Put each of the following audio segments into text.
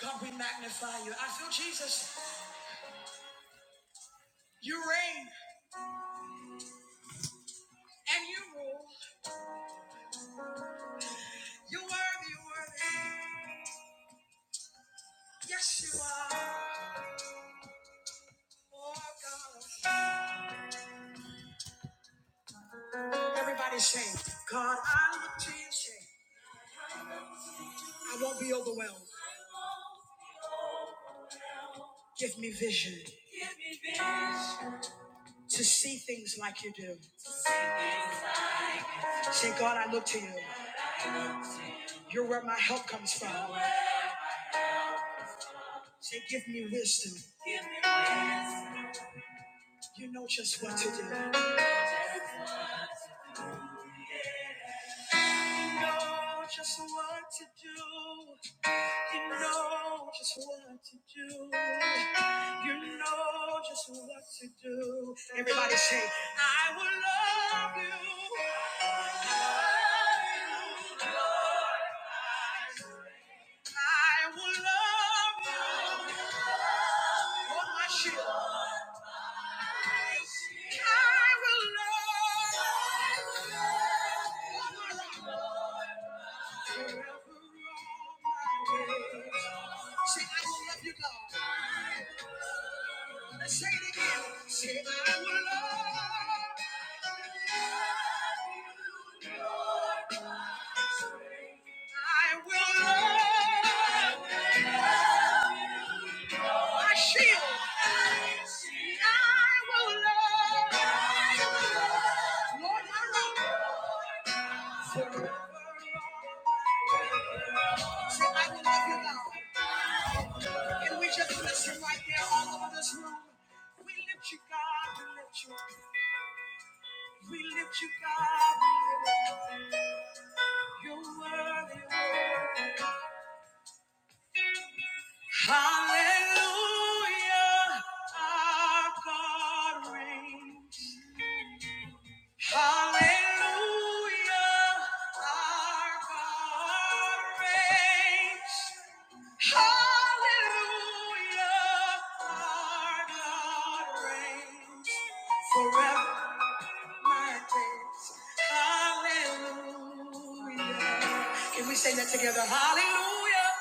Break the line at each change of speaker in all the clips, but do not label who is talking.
God, we magnify you. I feel Jesus. You reign and you rule. You worthy, you worthy. Yes, you are. Oh, God. Everybody sing. God, I look to you. Sing. I won't be overwhelmed. Give me vision Give me vision. to see things like you do. Say, God, I look to you. You're where my help comes from. To give me wisdom. Give me wisdom. You know just what to do. You know just what to do. You know just what to do. You know just what to do. Everybody say, I will love you. I will love you. On my shield. I will love you. Say, I will love you, Lord. Let's say it again. Say, I will love you, Lord. I will love my shield. I will love Lord my rock. Forever. Say, I will love you, God. And we just bless you right there all over this room. We lift you, God. We lift you. We lift you, God. We lift you. You're worthy, worthy. Hallelujah. Our God reigns. Hallelujah, our God reigns. Hallelujah, our God reigns. Forever, my days. Hallelujah. Can we sing that together? Hallelujah.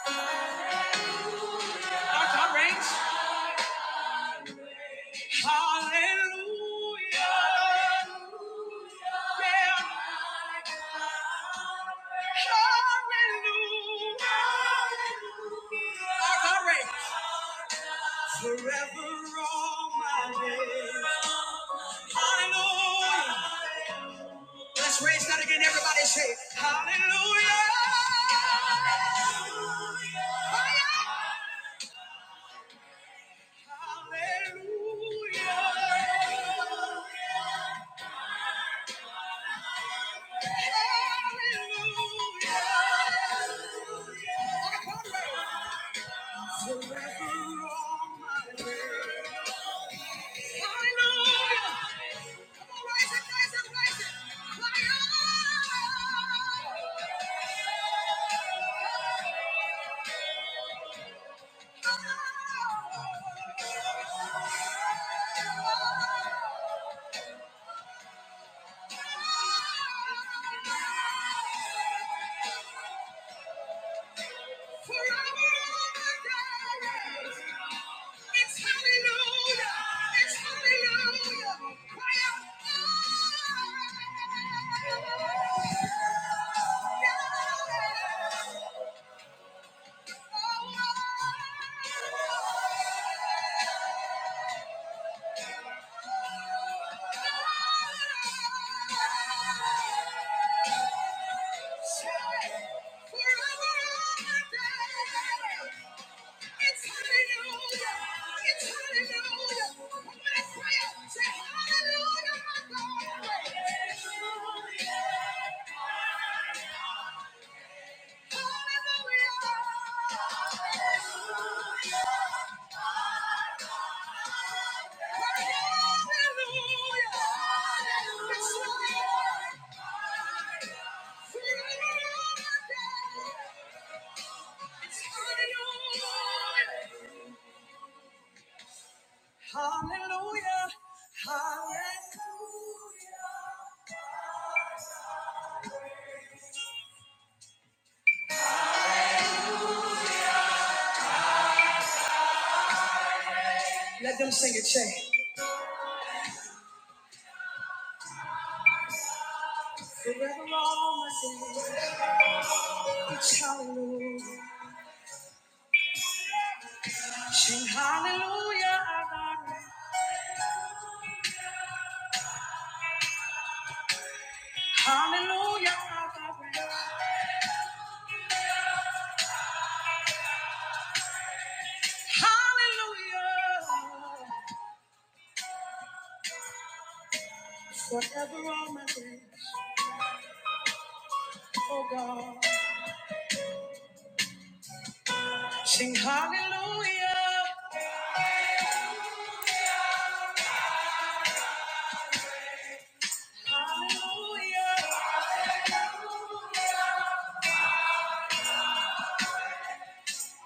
Our God reigns. Hallelujah. Yeah. Hallelujah. Our God reigns. Forever all my days. Hallelujah. Let's raise that again. Everybody say, Hallelujah. Hallelujah. Hallelujah. Yeah. Hallelujah. Hallelujah. Hallelujah. Let them sing it, Shay. Forever all my days, it's hallelujah. Sing hallelujah, Adonai. Hallelujah, Adonai. Hallelujah. Forever all my days, oh God. Sing hallelujah. Hallelujah.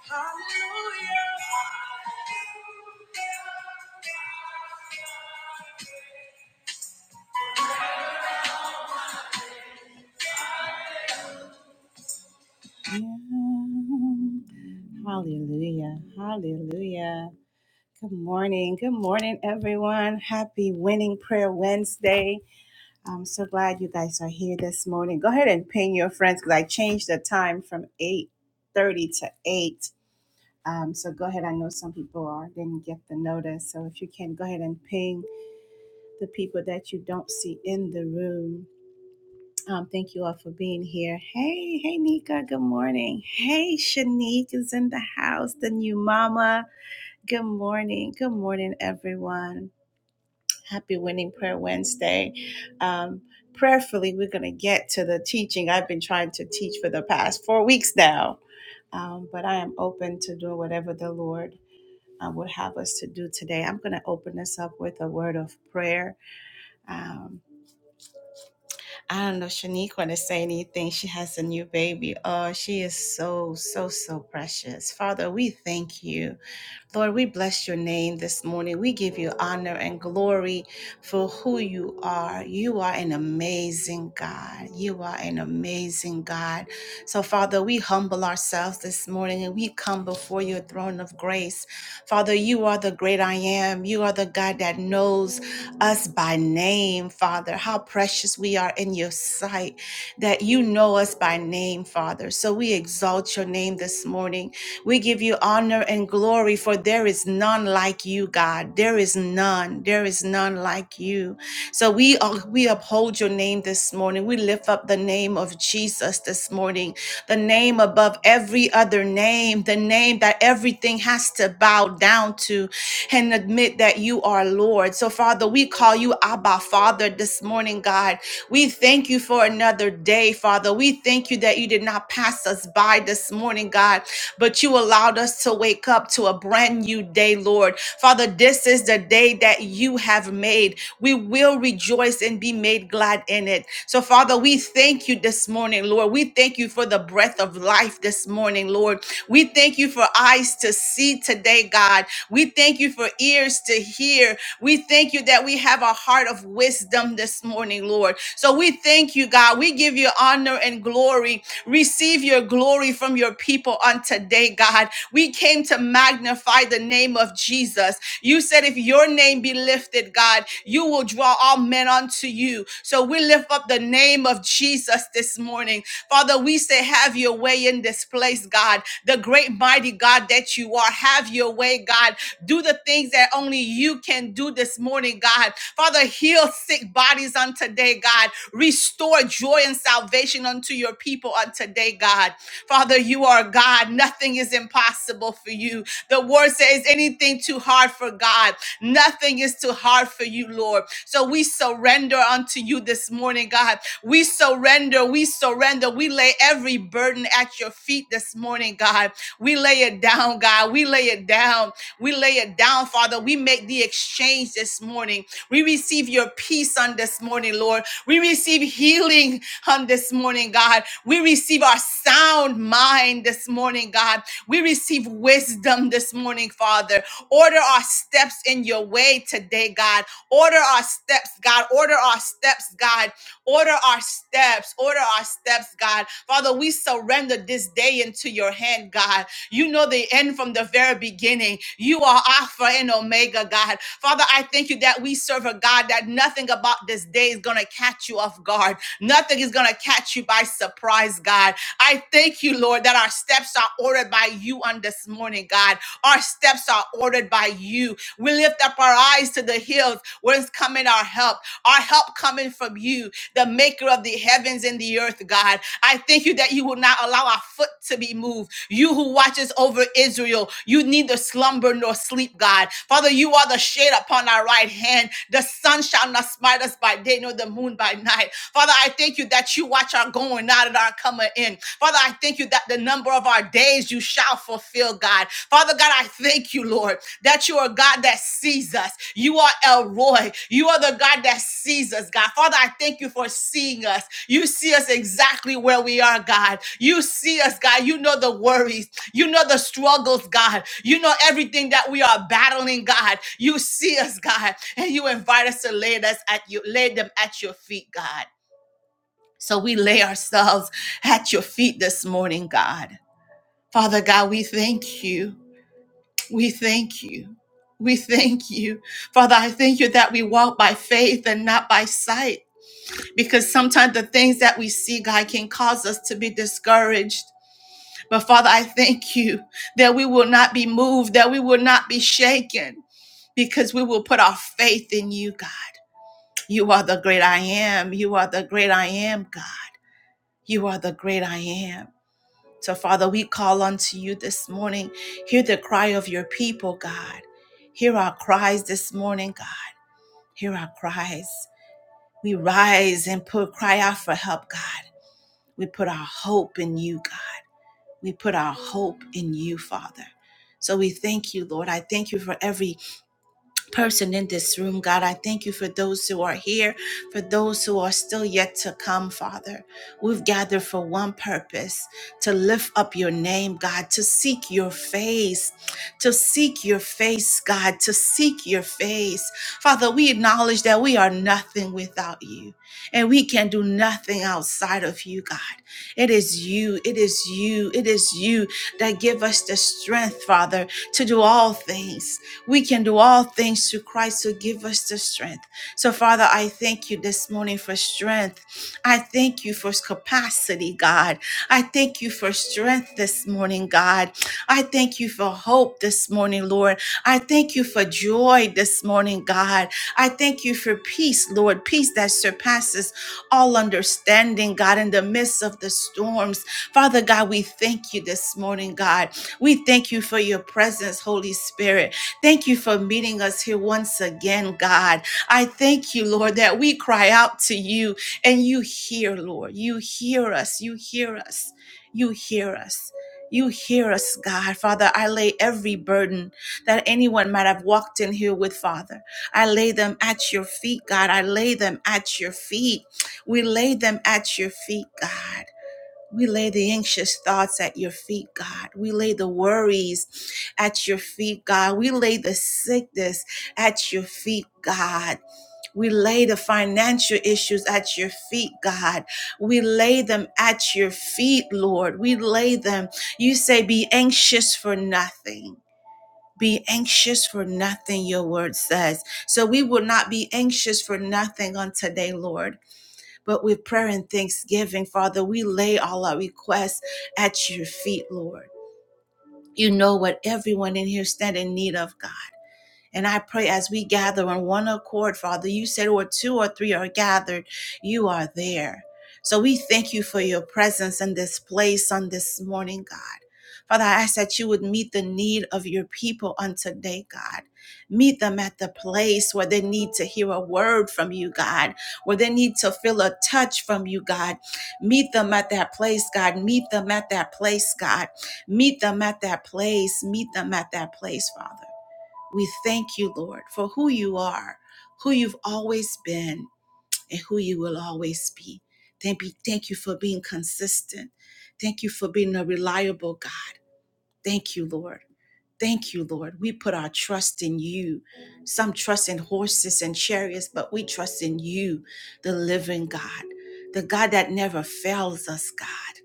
Hallelujah. Yeah. Hallelujah. Hallelujah. Good morning. Good morning, everyone. Happy Winning Prayer Wednesday. I'm so glad you guys are here this morning. Go ahead and ping your friends because I changed the time from 8.30 to 8. Um, so go ahead. I know some people are didn't get the notice. So if you can, go ahead and ping the people that you don't see in the room. Um, thank you all for being here. Hey, hey, Nika. Good morning. Hey, Shanique is in the house, the new mama. Good morning. Good morning, everyone. Happy Winning Prayer Wednesday. Um, prayerfully, we're going to get to the teaching I've been trying to teach for the past four weeks now. Um, but I am open to doing whatever the Lord uh, would have us to do today. I'm going to open this up with a word of prayer. Um, I don't know if Shanique want to say anything. She has a new baby. Oh, she is so, so, so precious. Father, we thank you. Lord, we bless your name this morning. We give you honor and glory for who you are. You are an amazing God. You are an amazing God. So, Father, we humble ourselves this morning and we come before your throne of grace. Father, you are the great I am. You are the God that knows us by name, Father. How precious we are in your sight that you know us by name, Father. So we exalt your name this morning. We give you honor and glory, for there is none like you, God. There is none. There is none like you. So we uh, we uphold your name this morning. We lift up the name of Jesus this morning, the name above every other name, the name that everything has to bow down to and admit that you are Lord. So, Father, we call you Abba Father this morning, God. We thank you for another another day, Father. We thank you that you did not pass us by this morning, God, but you allowed us to wake up to a brand new day, Lord. Father, this is the day that you have made. We will rejoice and be made glad in it. So, Father, we thank you this morning, Lord. We thank you for the breath of life this morning, Lord. We thank you for eyes to see today, God. We thank you for ears to hear. We thank you that we have a heart of wisdom this morning, Lord. So we thank you, God. God. We give you honor and glory. Receive your glory from your people on today, God. We came to magnify the name of Jesus. You said, if your name be lifted, God, you will draw all men unto you. So we lift up the name of Jesus this morning. Father, we say, have your way in this place, God. The great, mighty God that you are, have your way, God. Do the things that only you can do this morning, God. Father, heal sick bodies on today, God. Restore joy and salvation unto your people on today, God. Father, you are God. Nothing is impossible for you. The word says anything too hard for God. Nothing is too hard for you, Lord. So we surrender unto you this morning, God. We surrender. We surrender. We lay every burden at your feet this morning, God. We lay it down, God. We lay it down. We lay it down, Father. We make the exchange this morning. We receive your peace on this morning, Lord. We receive healing healing on this morning, God. We receive our sound mind this morning, God. We receive wisdom this morning, Father. Order our steps in your way today, God. Order our steps, God. Order our steps, God. Order our steps. Order our steps, God. Father, we surrender this day into your hand, God. You know the end from the very beginning. You are Alpha and Omega, God. Father, I thank you that we serve a God that nothing about this day is going to catch you off guard. Nothing is going to catch you by surprise, God. I thank you, Lord, that our steps are ordered by you on this morning, God. Our steps are ordered by you. We lift up our eyes to the hills where's coming our help. Our help coming from you, the maker of the heavens and the earth, God. I thank you that you will not allow our foot to be moved. You who watches over Israel, you neither slumber nor sleep, God. Father, you are the shade upon our right hand. The sun shall not smite us by day, nor the moon by night. Father, I thank you that you watch our going out and our coming in. Father, I thank you that the number of our days you shall fulfill, God. Father God, I thank you, Lord, that you are God that sees us. You are El Roy. You are the God that sees us, God. Father, I thank you for seeing us. You see us exactly where we are, God. You see us, God. You know the worries. You know the struggles, God. You know everything that we are battling, God. You see us, God, and you invite us to lay us at you, lay them at your feet, God. So we lay ourselves at your feet this morning, God. Father God, we thank you. We thank you. We thank you. Father, I thank you that we walk by faith and not by sight because sometimes the things that we see, God, can cause us to be discouraged. But Father, I thank you that we will not be moved, that we will not be shaken because we will put our faith in you, God. You are the great I am. You are the great I am, God. You are the great I am. So, Father, we call unto you this morning. Hear the cry of your people, God. Hear our cries this morning, God. Hear our cries. We rise and put, cry out for help, God. We put our hope in you, God. We put our hope in you, Father. So we thank you, Lord. I thank you for every person in this room, God. I thank you for those who are here, for those who are still yet to come, Father. We've gathered for one purpose to lift up your name, God, to seek your face, to seek your face, God, to seek your face. Father, we acknowledge that we are nothing without you and we can do nothing outside of you, God. It is you, it is you, it is you that give us the strength, Father, to do all things. We can do all things through Christ who give us the strength. So, Father, I thank you this morning for strength. I thank you for capacity, God. I thank you for strength this morning, God. I thank you for hope this morning, Lord. I thank you for joy this morning, God. I thank you for peace, Lord, peace that surpasses all understanding, God, in the midst of the storms. Father God, we thank you this morning, God. We thank you for your presence, Holy Spirit. Thank you for meeting us here once again, God. I thank you, Lord, that we cry out to you and you hear, Lord. You hear us. You hear us. You hear us. You hear us, God. Father, I lay every burden that anyone might have walked in here with, Father. I lay them at your feet, God. I lay them at your feet. We lay them at your feet, God. We lay the anxious thoughts at your feet, God. We lay the worries at your feet, God. We lay the sickness at your feet, God. We lay the financial issues at your feet, God. We lay them at your feet, Lord. We lay them. You say, be anxious for nothing. Be anxious for nothing, your word says. So we will not be anxious for nothing on today, Lord. But with prayer and thanksgiving, Father, we lay all our requests at your feet, Lord. You know what everyone in here stand in need of, God. And I pray as we gather on one accord, Father, you said where two or three are gathered, you are there. So we thank you for your presence in this place on this morning, God. Father, I ask that you would meet the need of your people on today, God. Meet them at the place where they need to hear a word from you, God, where they need to feel a touch from you, God. Meet them at that place, God. Meet them at that place, God. Meet them at that place. Meet them at that place, Father. We thank you, Lord, for who you are, who you've always been, and who you will always be. Thank you, thank you for being consistent. Thank you for being a reliable God. Thank you, Lord. Thank you, Lord. We put our trust in you. Some trust in horses and chariots, but we trust in you, the living God, the God that never fails us, God.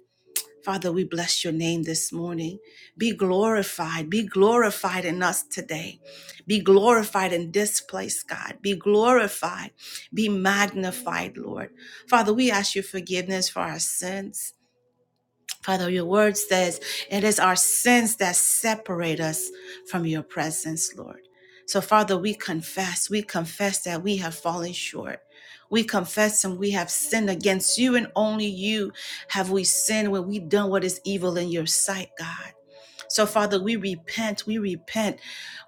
Father, we bless your name this morning. Be glorified. Be glorified in us today. Be glorified in this place, God. Be glorified. Be magnified, Lord. Father, we ask your forgiveness for our sins. Father, your word says it is our sins that separate us from your presence, Lord. So, Father, we confess, we confess that we have fallen short. We confess and we have sinned against you, and only you have we sinned when we have done what is evil in your sight, God. So, Father, we repent, we repent,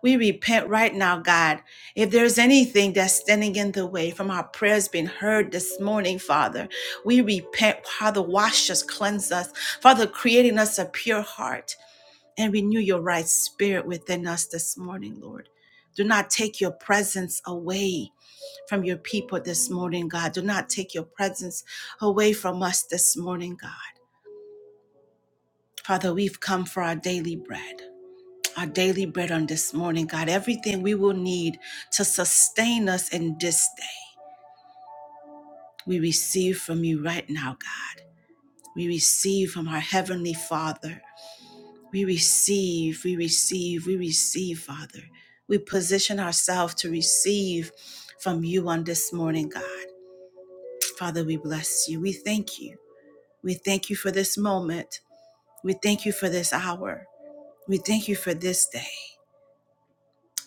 we repent right now, God. If there's anything that's standing in the way from our prayers being heard this morning, Father, we repent. Father, wash us, cleanse us. Father, creating us a pure heart and renew your right spirit within us this morning, Lord. Do not take your presence away from your people this morning, God. Do not take your presence away from us this morning, God. Father, we've come for our daily bread our daily bread on this morning, God. Everything we will need to sustain us in this day, we receive from you right now, God. We receive from our Heavenly Father. We receive, we receive, we receive, Father. We position ourselves to receive from you on this morning, God. Father, we bless you. We thank you. We thank you for this moment. We thank you for this hour. We thank you for this day.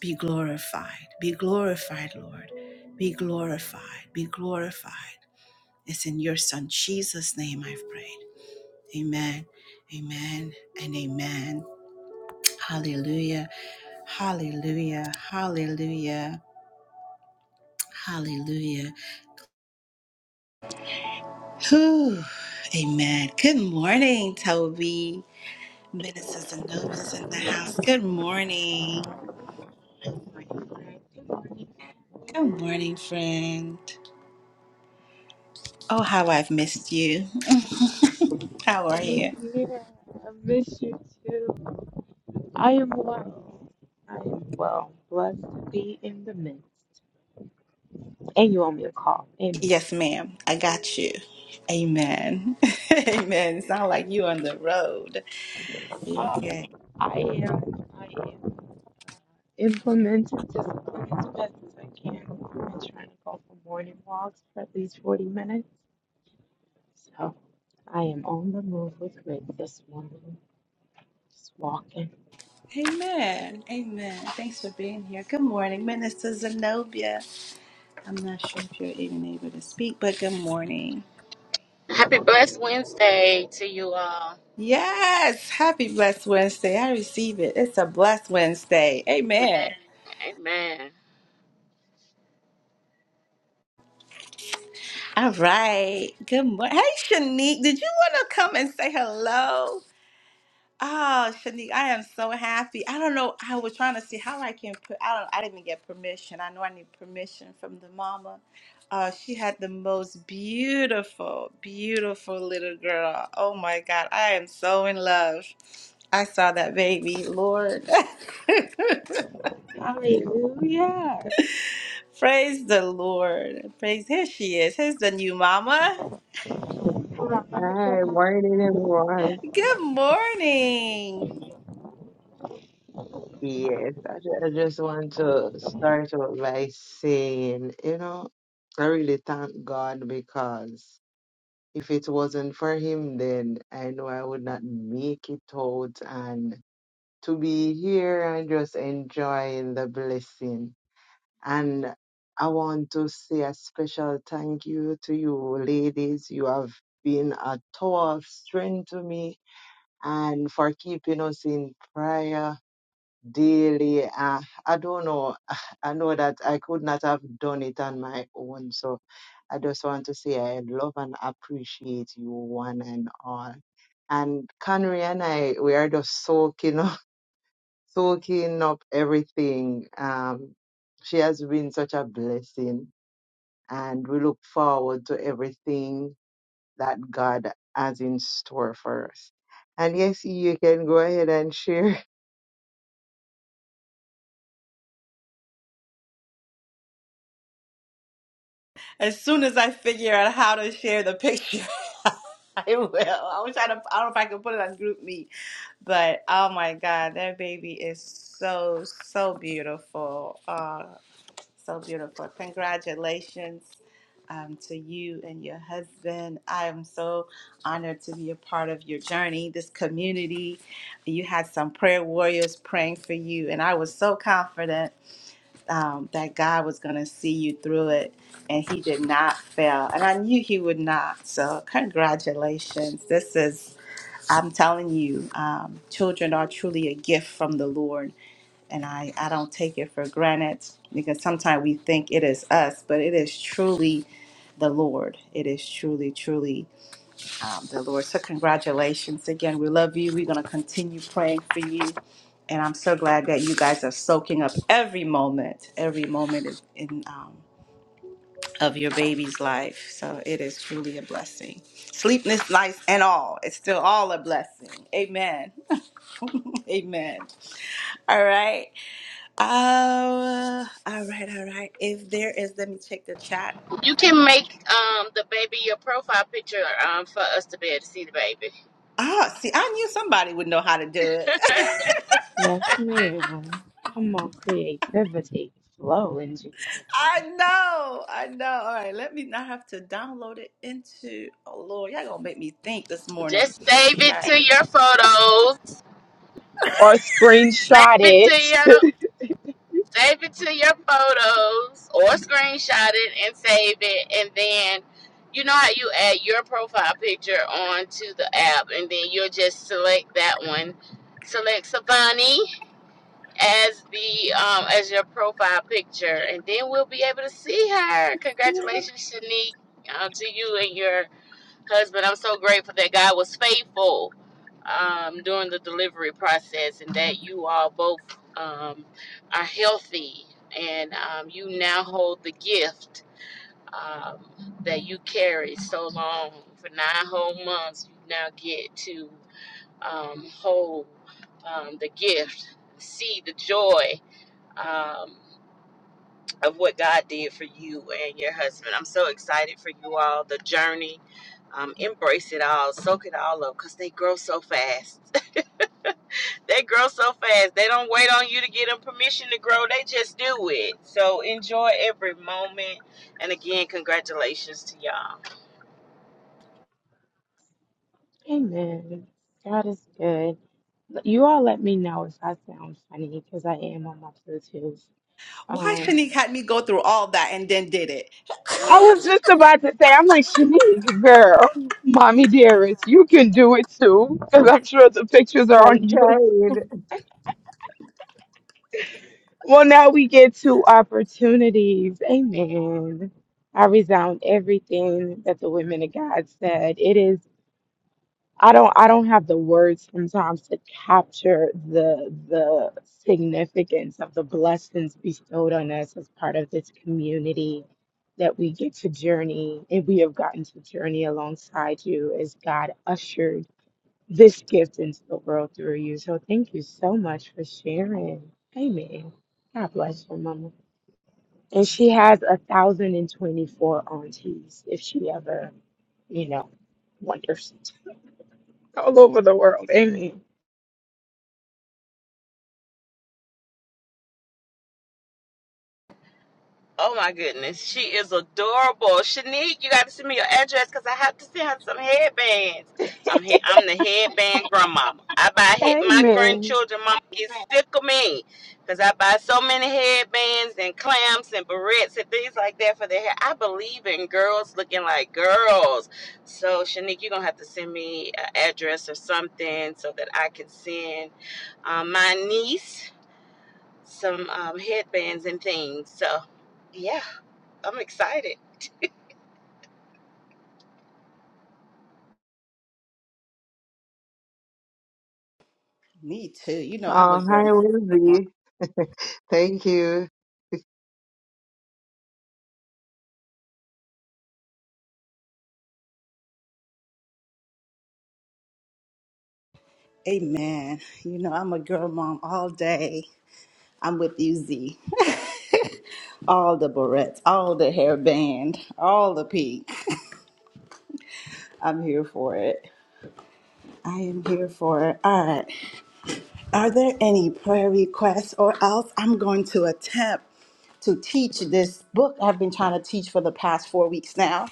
Be glorified. Be glorified, Lord. Be glorified. Be glorified. It's in your Son, Jesus' name, I've prayed. Amen. Amen. And amen. Hallelujah. Hallelujah. Hallelujah. Hallelujah. Whew. Amen. Good morning, Toby. Ministers and nobles in the house. Good morning. Good morning, friend. Oh, how I've missed you. how are you?
Same here. I miss you too. I am well. I am well. Blessed to be in the midst. And you owe me a call. Amen.
Yes, ma'am. I got you. Amen. Amen. It sound like you on the road. Okay.
I am. I am implementing discipline as best as I can. I'm trying to go for morning walks for at least 40 minutes. So I am on the move with Rick this morning. Just walking.
Amen. Amen. Thanks for being here. Good morning, Minister Zenobia. I'm not sure if you're even able to speak, but good morning.
Happy blessed Wednesday to you all.
Yes. Happy Blessed Wednesday. I receive it. It's a blessed Wednesday. Amen.
Amen.
All right. Good morning. Hey, Shanique, did you want to come and say hello? Oh, Shanique, I am so happy. I don't know. I was trying to see how I can put. I don't. I didn't even get permission. I know I need permission from the mama. Uh, she had the most beautiful, beautiful little girl. Oh my God, I am so in love. I saw that baby, Lord.
Hallelujah.
Praise the Lord. Praise. Here she is. Here's the new mama.
Hold on, let me get
Hi,
my-
morning everyone.
Good morning.
Yes, I just, I just want to start out by saying, you know, I really thank God because if it wasn't for him, then I know I would not make it out. And to be here and just enjoying the blessing. And I want to say a special thank you to you ladies. You have been a tower of strength to me and for keeping us in prayer daily. Uh, I don't know. I know that I could not have done it on my own. So I just want to say I love and appreciate you one and all. And Connery and I, we are just soaking up, soaking up everything. Um, she has been such a blessing, and we look forward to everything that God has in store for us. And yes, you can go ahead and share.
As soon as I figure out how to share the picture, I will. I wish I, I don't know if I can put it on Group Me, but oh my God, that baby is so so beautiful. Uh, so beautiful. Congratulations um, to you and your husband. I am so honored to be a part of your journey, this community. You had some prayer warriors praying for you, and I was so confident um, that God was going to see you through it, and He did not fail. And I knew He would not. So, congratulations. This is, I'm telling you, um, children are truly a gift from the Lord. And I, I don't take it for granted because sometimes we think it is us, but it is truly the Lord. It is truly, truly um, the Lord. So, congratulations again. We love you. We're going to continue praying for you. And I'm so glad that you guys are soaking up every moment, every moment of, in, um, of your baby's life. So, it is truly a blessing. Sleepless nights and all, it's still all a blessing. Amen. Amen. All right. Uh, all right, all right. If there is, let me check the chat.
You can make um the baby your profile picture um for us to be able to see the baby.
Ah, see, I knew somebody would know how to do it.
Yes, ma'am. Come on, creativity. Flow in Jesus' name.
I know, I know. All right, let me not have to download it into. Oh Lord, y'all gonna make me think this morning.
Just save
All
it
right,
to your photos.
or
Save
screenshot
it to
it
your save it to your photos or screenshot it and save it and then you know how you add your profile picture onto the app and then you'll just select that one. Select Savani as the um as your profile picture, and then we'll be able to see her. Congratulations, Shanique, uh, to you and your husband. I'm so grateful that God was faithful um, during the delivery process, and that you all both um, are healthy, and um, you now hold the gift um, that you carried so long for nine whole months. You now get to um, hold um, the gift, see the joy um, of what God did for you and your husband. I'm so excited for you all. The journey, um, embrace it all, soak it all up, cause they grow so fast. they grow so fast. They don't wait on you to get them permission to grow. They just do it. So enjoy every moment. And again, congratulations to y'all.
Amen. God is good. You all let me know if I sound funny because I am on my Bluetooth.
why
Um,
Shanique had me go through all that and then did it?
I was just about to say, I'm like, Shanique, girl, mommy dearest, you can do it too because I'm sure the pictures are on
I'm
yours.
trying.
Well, now we get two opportunities. Amen. I resound everything that the women of God said. It is I don't I don't have the words sometimes to capture the the significance of the blessings bestowed on us as part of this community that we get to journey and we have gotten to journey alongside you as God ushered this gift into the world through you. So thank you so much for sharing. Amen. God bless you, Mama. And she has a thousand and twenty-four aunties if she ever, you know, wanders all over the world. Amen.
Oh my goodness, she is adorable. Shanique, you got to send me your address because I have to send her some headbands. I'm he- I'm the headband grandmama. I buy head- my
Amen.
grandchildren. Mama gets sick of me because I buy so many headbands and clamps and barrettes and things like that for their hair. I believe in girls looking like girls. So Shanique, you're gonna have to send me an address or something so that I can send um, my niece some um, headbands and things. So yeah. I'm excited.
Me too. You know I'm a
Oh,
girl
hi,
mom.
Lizzie. Thank you.
Amen. You know I'm a girl mom all day. I'm with you, Z. all the barrettes, all the hairband, all the pink. I'm here for it. I am here for it. All right. Are there any prayer requests or else I'm going to attempt to teach this book I've been trying to teach for the past four weeks now?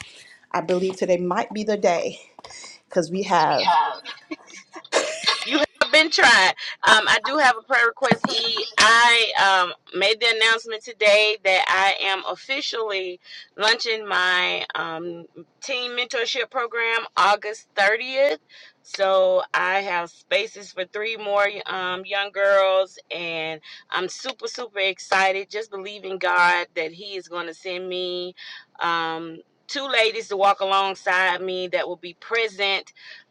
I believe today might be the day because we have.
You have been trying. Um, I do have a prayer request. E. I um, made the announcement today that I am officially launching my um, team mentorship program August 30th. So I have spaces for three more um, young girls, and I'm super, super excited. Just believing God that He is going to send me. Um, Two ladies to walk alongside me that will be present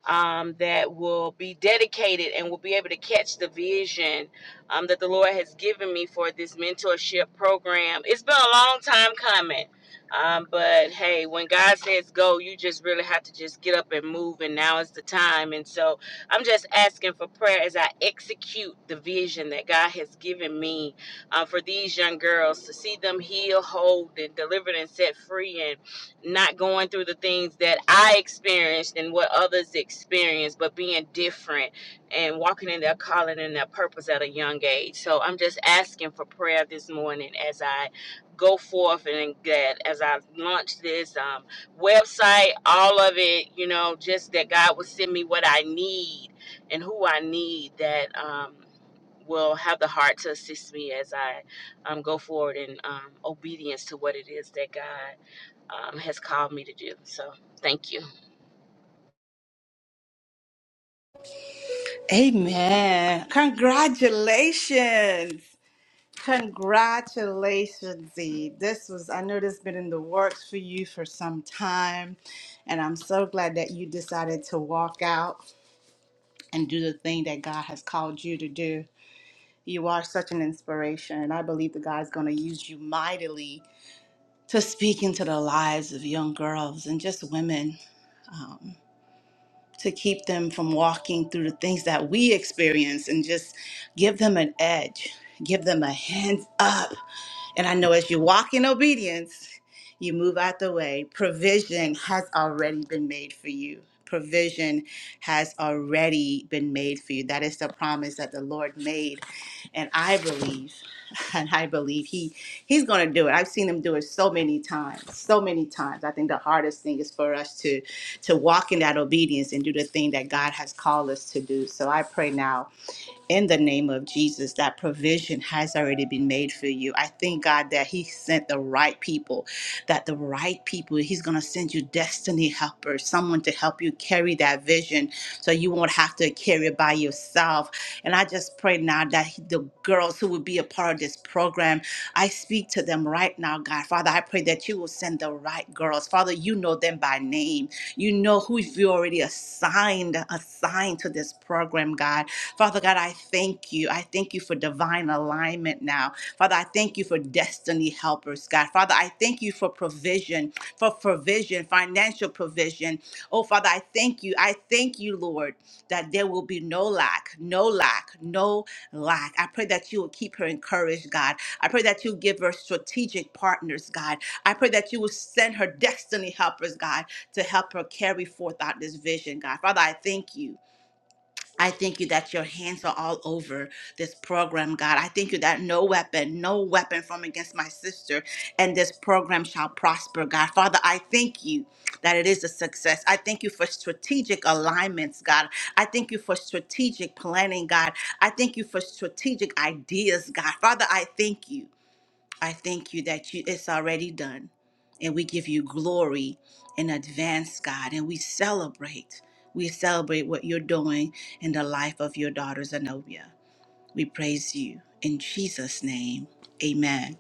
um, that will be dedicated and will be able to catch the vision um, that the Lord has given me for this mentorship program. It's been a long time coming. Um, but hey, when God says go, you just really have to just get up and move, and now is the time. And so I'm just asking for prayer as I execute the vision that God has given me uh, for these young girls to see them healed, whole, and delivered and set free, and not going through the things that I experienced and what others experienced, but being different and walking in their calling and their purpose at a young age. So I'm just asking for prayer this morning as I go forth and that as I launch this um, website, all of it, you know, just that God will send me what I need and who I need that um, will have the heart to assist me as I um, go forward in um, obedience to what it is that God um, has called me to do. So thank you.
Amen. Congratulations. Congratulations, Z. This was, I know this has been in the works for you for some time. And I'm so glad that you decided to walk out and do the thing that God has called you to do. You are such an inspiration, and I believe that God's going to use you mightily to speak into the lives of young girls and just women to keep them from walking through the things that we experience and just give them an edge, give them a hands up. And I know as you walk in obedience, you move out the way. Provision has already been made for you. Provision has already been made for you. That is the promise that the Lord made. And I believe, and I believe He He's gonna do it. I've seen him do it so many times, so many times. I think the hardest thing is for us to to walk in that obedience and do the thing that God has called us to do. So I pray now in the name of Jesus that provision has already been made for you. I thank God that He sent the right people, that the right people, He's going to send you destiny helpers, someone to help you carry that vision so you won't have to carry it by yourself. And I just pray now that the girls who will be a part of this program, I speak to them right now, God. Father, I pray that you will send the right girls. Father, you know them by name. You know who you already assigned, assigned to this program, God. Father God, I thank you. I thank you for divine alignment now. Father, I thank you for destiny be helpers, God. Father, I thank you for provision, for provision, financial provision. Oh, Father, I thank you. I thank you, Lord, that there will be no lack, no lack, no lack. I pray that you will keep her encouraged, God. I pray that you give her strategic partners, God. I pray that you will send her destiny helpers, God, to help her carry forth out this vision, God. Father, I thank you. I thank you that your hands are all over this program, God. I thank you that no weapon, no weapon from against my sister and this program shall prosper, God. Father, I thank you that it is a success. I thank you for strategic alignments, God. I thank you for strategic planning, God. I thank you for strategic ideas, God. Father, I thank you. I thank you that you, it's already done. And we give you glory in advance, God. And we celebrate. We celebrate what you're doing in the life of your daughter, Zenobia. We praise you. In Jesus' name, amen.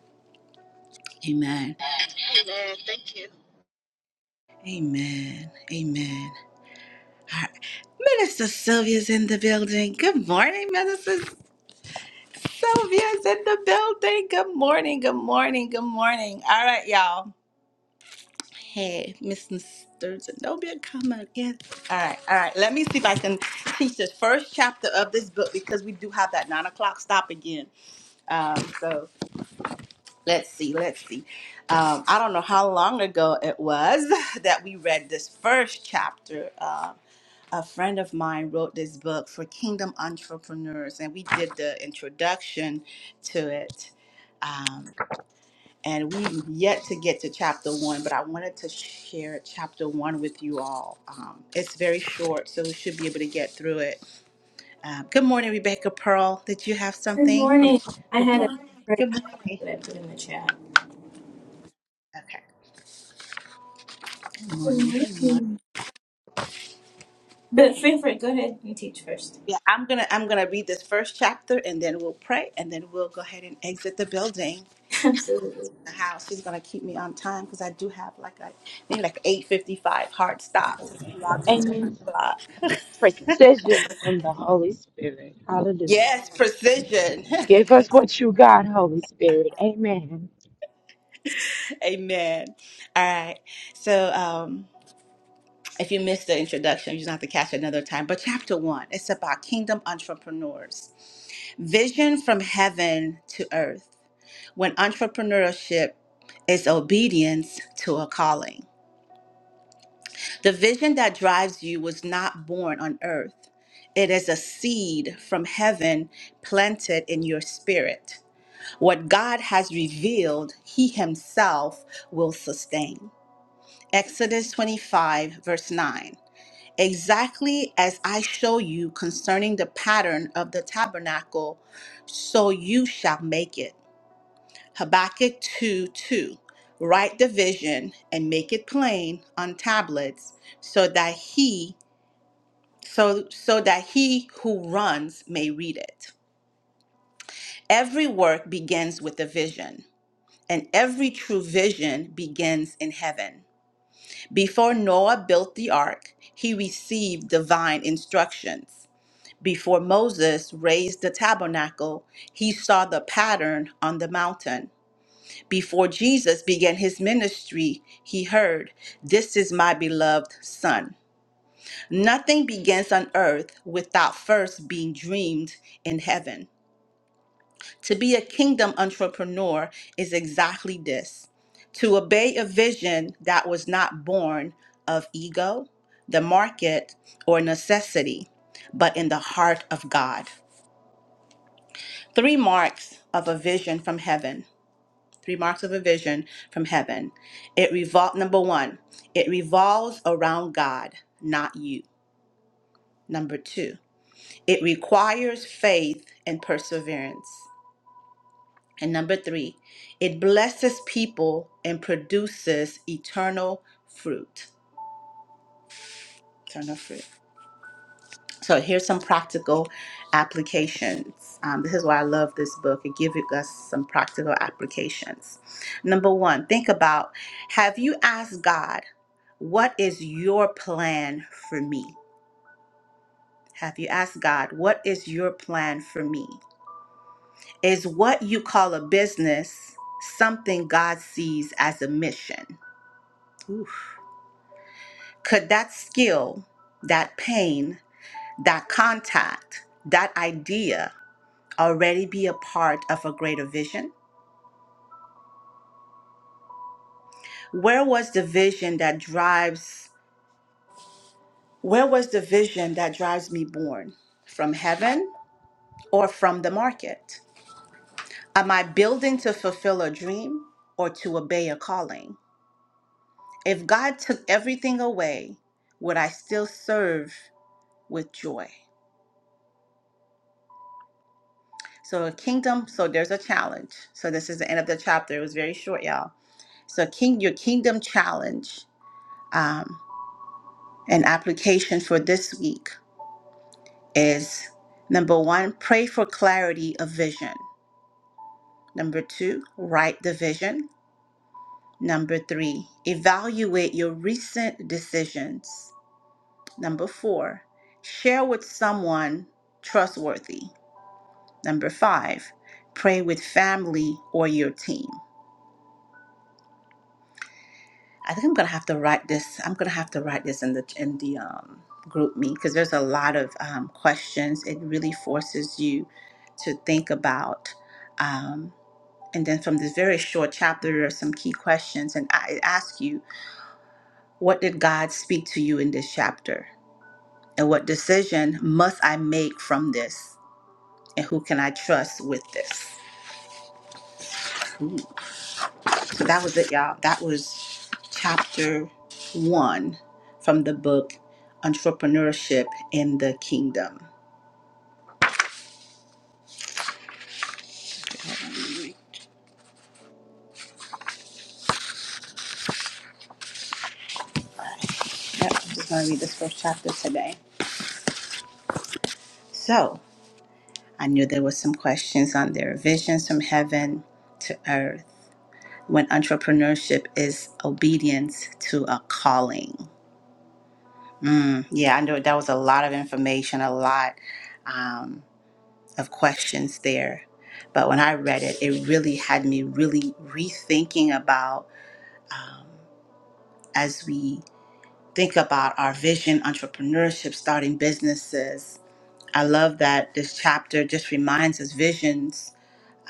Amen.
Amen. Thank you.
Amen. Amen. All right. Minister Sylvia's in the building. Good morning, Minister Sylvia's in the building. Good morning. Good morning. Good morning. All right, y'all. Hey, Mrs. Sturgeon, don't be a coming again. All right, all right. Let me see if I can teach the first chapter of this book because we do have that nine o'clock stop again. Um, so let's see, let's see. Um, I don't know how long ago it was that we read this first chapter. Um, a friend of mine wrote this book for Kingdom Entrepreneurs, and we did the introduction to it. Um, and we've yet to get to chapter one, but I wanted to share chapter one with you all. Um, it's very short, so we should be able to get through it. Um, good morning, Rebecca Pearl. Did you have
Good
something
morning. I had a
before?
prayer
Good morning.
that I put in the chat.
Okay. Good
Good
morning. Good morning.
morning. But Favorite, go ahead and teach first.
Yeah, I'm gonna I'm gonna read this first chapter, and then we'll pray, and then we'll go ahead and exit the building.
Absolutely.
The house. She's gonna keep me on time because I do have like a maybe like 8:55 hard stop since i logged into my
Amen.
clock.
Precision in the Holy Spirit. Hallelujah.
Yes, precision.
Give us what you got, Holy Spirit. Amen.
Amen. All right. So um, if you missed the introduction, you don't have to catch it another time. But chapter one, it's about kingdom entrepreneurs, vision from heaven to earth. When entrepreneurship is obedience to a calling, the vision that drives you was not born on earth. It is a seed from heaven planted in your spirit. What God has revealed, He Himself will sustain. Exodus 25, verse 9. Exactly as I show you concerning the pattern of the tabernacle, so you shall make it. Habakkuk 2, 2. Write the vision and make it plain on tablets so that he so so that he who runs may read it. Every work begins with a vision, and every true vision begins in heaven. Before Noah built the ark, he received divine instructions. Before Moses raised the tabernacle, he saw the pattern on the mountain. Before Jesus began his ministry, he heard, This is my beloved Son. Nothing begins on earth without first being dreamed in heaven. To be a kingdom entrepreneur is exactly this to obey a vision that was not born of ego, the market, or necessity, but in the heart of God. Three marks of a vision from heaven. Three marks of a vision from heaven. It revol number 1, it revolves around God, not you. Number 2, it requires faith and perseverance. And number three, it blesses people and produces eternal fruit. Eternal fruit. So here's some practical applications. Um, this is why I love this book. It gives us some practical applications. Number one, think about have you asked God, what is your plan for me? Have you asked God, what is your plan for me? Is what you call a business something God sees as a mission? Oof. Could that skill, that pain, that contact, that idea already be a part of a greater vision? Where was the vision that drives where was the vision that drives me born? From heaven or from the market? Am I building to fulfill a dream or to obey a calling? If God took everything away, would I still serve with joy? So a kingdom, so there's a challenge. So this is the end of the chapter. It was very short, y'all. So king, your kingdom challenge, um, and application for this week is number one, pray for clarity of vision. Number two, write the vision. Number three, evaluate your recent decisions. Number four, share with someone trustworthy. Number five, pray with family or your team. I think I'm gonna have to write this. I'm gonna have to write this in the in the um, group meet because there's a lot of um, questions. It really forces you to think about, um, and then from this very short chapter, there are some key questions. And I ask you, what did God speak to you in this chapter, and what decision must I make from this, and who can I trust with this? So that was it, y'all. That was chapter one from the book Entrepreneurship in the Kingdom. Yep, I'm just going to read this first chapter today. So I knew there was some questions on their visions from heaven to earth. When entrepreneurship is obedience to a calling. Mm, yeah, I know that was a lot of information, a lot. Um, of questions there. But when I read it, it really had me really rethinking about um, as we think about our vision, entrepreneurship, starting businesses. I love that this chapter just reminds us visions,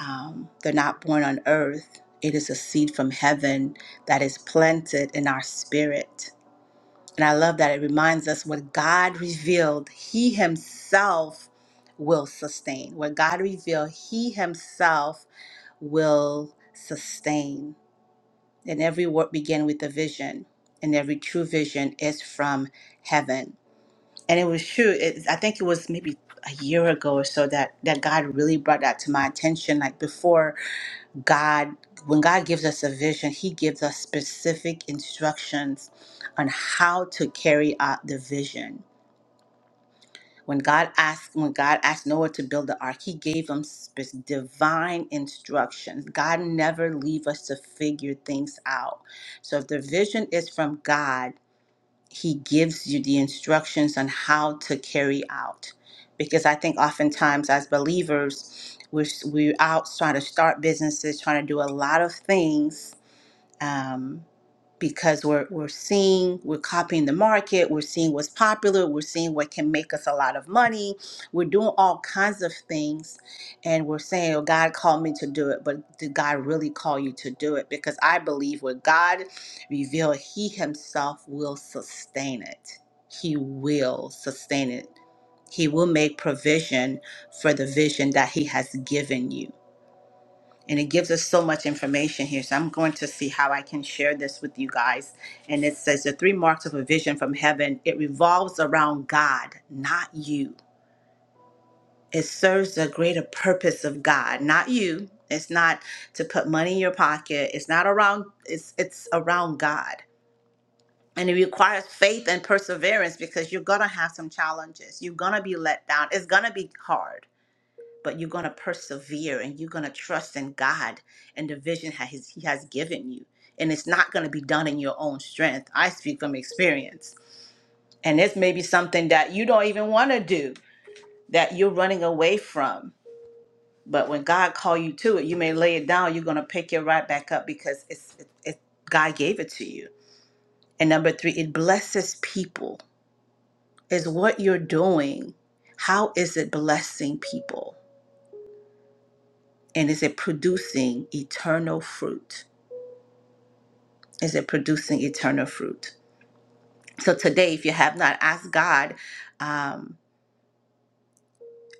um, they're not born on earth. It is a seed from heaven that is planted in our spirit. And I love that it reminds us what God revealed, He Himself will sustain. What God revealed, He Himself will sustain. And every work began with a vision, and every true vision is from heaven. And it was true. It, I think it was maybe a year ago or so that that God really brought that to my attention. Like before, God, when God gives us a vision, He gives us specific instructions on how to carry out the vision when God asked, when God asked Noah to build the ark, He gave him spe- divine instructions. God never leave us to figure things out. So if the vision is from God, He gives you the instructions on how to carry out. Because I think oftentimes as believers, we're, we're out trying to start businesses, trying to do a lot of things um, because we're we're seeing we're copying the market, we're seeing what's popular, we're seeing what can make us a lot of money. We're doing all kinds of things, and we're saying, "Oh, God called me to do it," but did God really call you to do it? Because I believe what God revealed, He Himself will sustain it. He will sustain it. He will make provision for the vision that He has given you and it gives us so much information here. So I'm going to see how I can share this with you guys. And it says the three marks of a vision from heaven, it revolves around God, not you. It serves the greater purpose of God, not you. It's not to put money in your pocket. It's not around it's it's around God. And it requires faith and perseverance because you're gonna have some challenges. You're gonna be let down. It's gonna be hard but you're going to persevere and you're going to trust in God and the vision ha- his- He has given you. And it's not going to be done in your own strength. I speak from experience. And this may be something that you don't even want to do, that you're running away from. But when God called you to it, you may lay it down. You're going to pick it right back up because it's it, it, God gave it to you. And number three, it blesses people. Is what you're doing, how is it blessing people? And is it producing eternal fruit? is it producing eternal fruit? So today, if you have not asked God, um,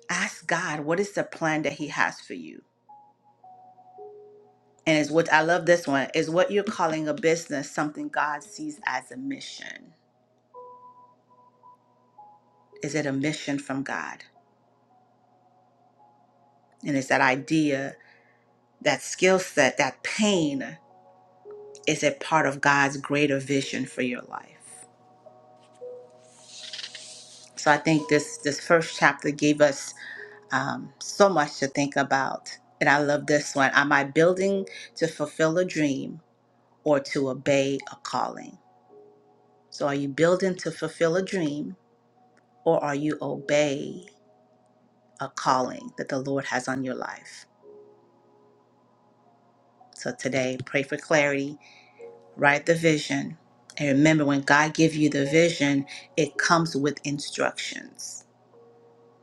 ask God what is the plan that He has for you. And is what I love this one is what you're calling a business something God sees as a mission. Is it a mission from God? And is that idea, that skill set, that pain, is it part of God's greater vision for your life? So I think this this first chapter gave us um, so much to think about. And I love this one. Am I building to fulfill a dream or to obey a calling? So, are you building to fulfill a dream or are you obey a calling that the Lord has on your life? So, today, pray for clarity, write the vision. And remember, when God gives you the vision, it comes with instructions.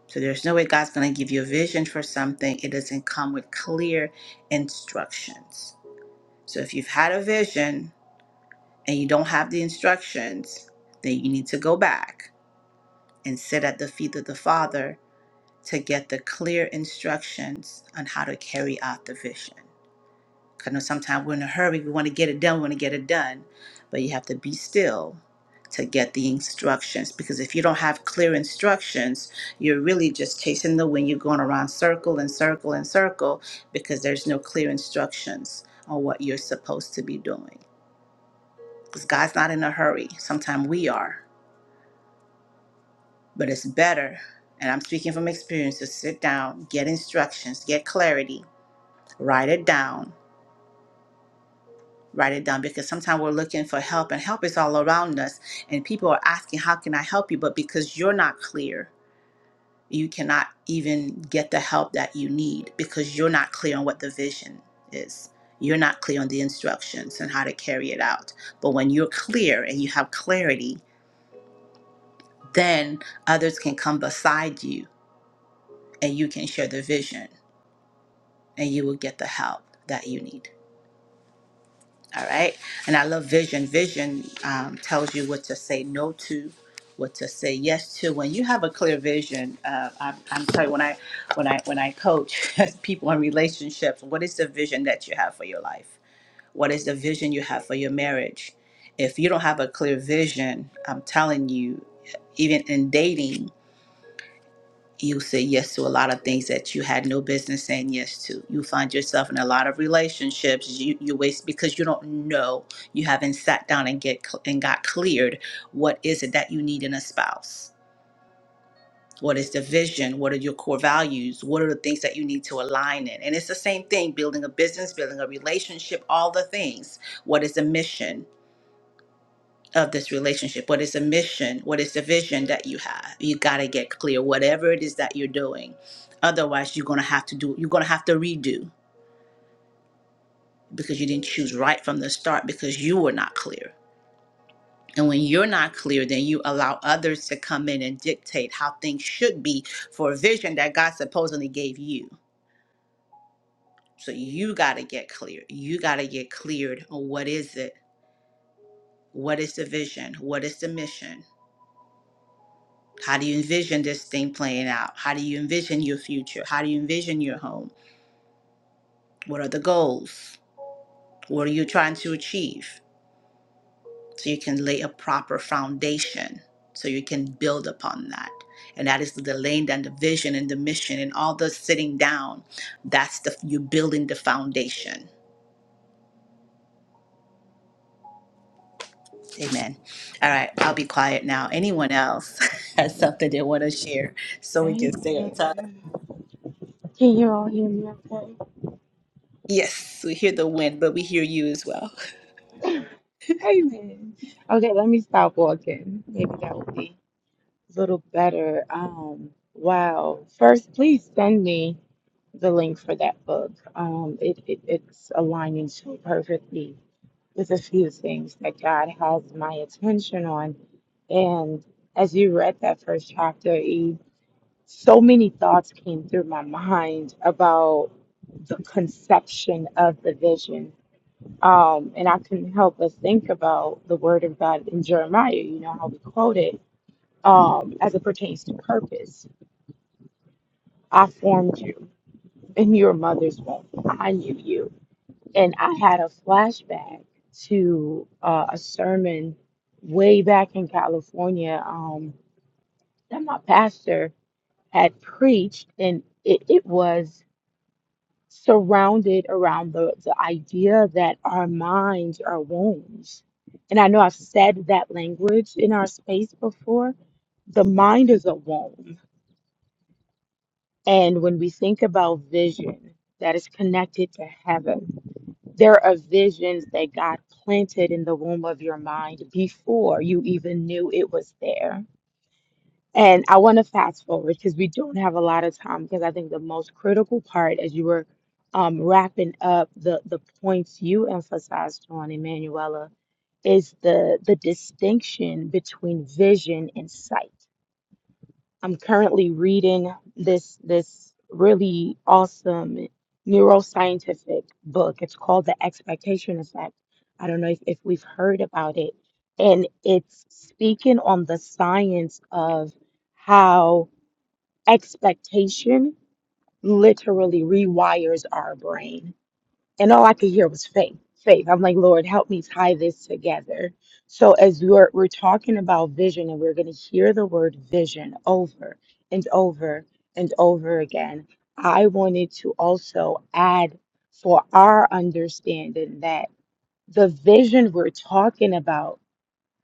So, there's no way God's going to give you a vision for something, it doesn't come with clear instructions. So if you've had a vision and you don't have the instructions, then you need to go back and sit at the feet of the Father to get the clear instructions on how to carry out the vision. 'Cause I know sometimes we're in a hurry, we want to get it done, we want to get it done, but you have to be still to get the instructions because if you don't have clear instructions, you're really just chasing the wind, you're going around circle and circle and circle because there's no clear instructions on what you're supposed to be doing. because God's not in a hurry. Sometimes we are, but it's better. And I'm speaking from experience to sit down, get instructions, get clarity, write it down, write it down because sometimes we're looking for help and help is all around us. And people are asking, How can I help you? But because you're not clear, you cannot even get the help that you need because you're not clear on what the vision is. You're not clear on the instructions and how to carry it out. But when you're clear and you have clarity, then others can come beside you and you can share the vision and you will get the help that you need. All right. And I love vision. Vision um, tells you what to say no to, what to say yes to. When you have a clear vision, uh, I'm, I'm telling you, when I when I when I coach people in relationships, what is the vision that you have for your life? What is the vision you have for your marriage? If you don't have a clear vision, I'm telling you, even in dating, you say yes to a lot of things that you had no business saying yes to. You find yourself in a lot of relationships you, you waste because you don't know. You haven't sat down and get cl- and got cleared. What is it that you need in a spouse? What is the vision? What are your core values? What are the things that you need to align in? And it's the same thing: building a business, building a relationship, all the things. What is the mission? of this relationship? What is the mission? What is the vision that you have? You got to get clear, whatever it is that you're doing. Otherwise, you're going to have to do, you're going to have to redo because you didn't choose right from the start because you were not clear. And when you're not clear, then you allow others to come in and dictate how things should be for a vision that God supposedly gave you. So you got to get clear. You got to get cleared on what is it? What is the vision? What is the mission? How do you envision this thing playing out? How do you envision your future? How do you envision your home? What are the goals? What are you trying to achieve? So you can lay a proper foundation so you can build upon that. And that is the lane and the vision and the mission and all the sitting down. That's the you building the foundation. Amen. All right, I'll be quiet now. Anyone else has something they want to share so we can stay on time?
Amen. Can you all hear me okay?
Yes, we hear the wind, but we hear you as well.
Amen. Okay, let me stop walking. Maybe that will be a little better. Um, wow. First, please send me. the link for that book. Um, it, it it's aligning so perfectly with a few things that God has my attention on. And as you read that first chapter, E, so many thoughts came through my mind about the conception of the vision. Um, and I couldn't help but think about the word of God in Jeremiah, you know, how we quote it um, as it pertains to purpose. I formed you in your mother's womb. I knew you and I had a flashback to uh, a sermon way back in California um, that my pastor had preached, and it, it was surrounded around the, the idea that our minds are wombs. And I know I've said that language in our space before. The mind is a womb. And when we think about vision that is connected to heaven, There are visions that God planted in the womb of your mind before you even knew it was there. And I want to fast forward because we don't have a lot of time because I think the most critical part as you were um, wrapping up the, the points you emphasized on, Emanuela, is the the distinction between vision and sight. I'm currently reading this this really awesome neuroscientific book. It's called The Expectation Effect. I don't know if, if we've heard about it. And it's speaking on the science of how expectation literally rewires our brain and all I could hear was faith, faith. I'm like, Lord, help me tie this together. So as we're we're talking about vision and we're gonna hear the word vision over and over and over again, I wanted to also add for our understanding that the vision we're talking about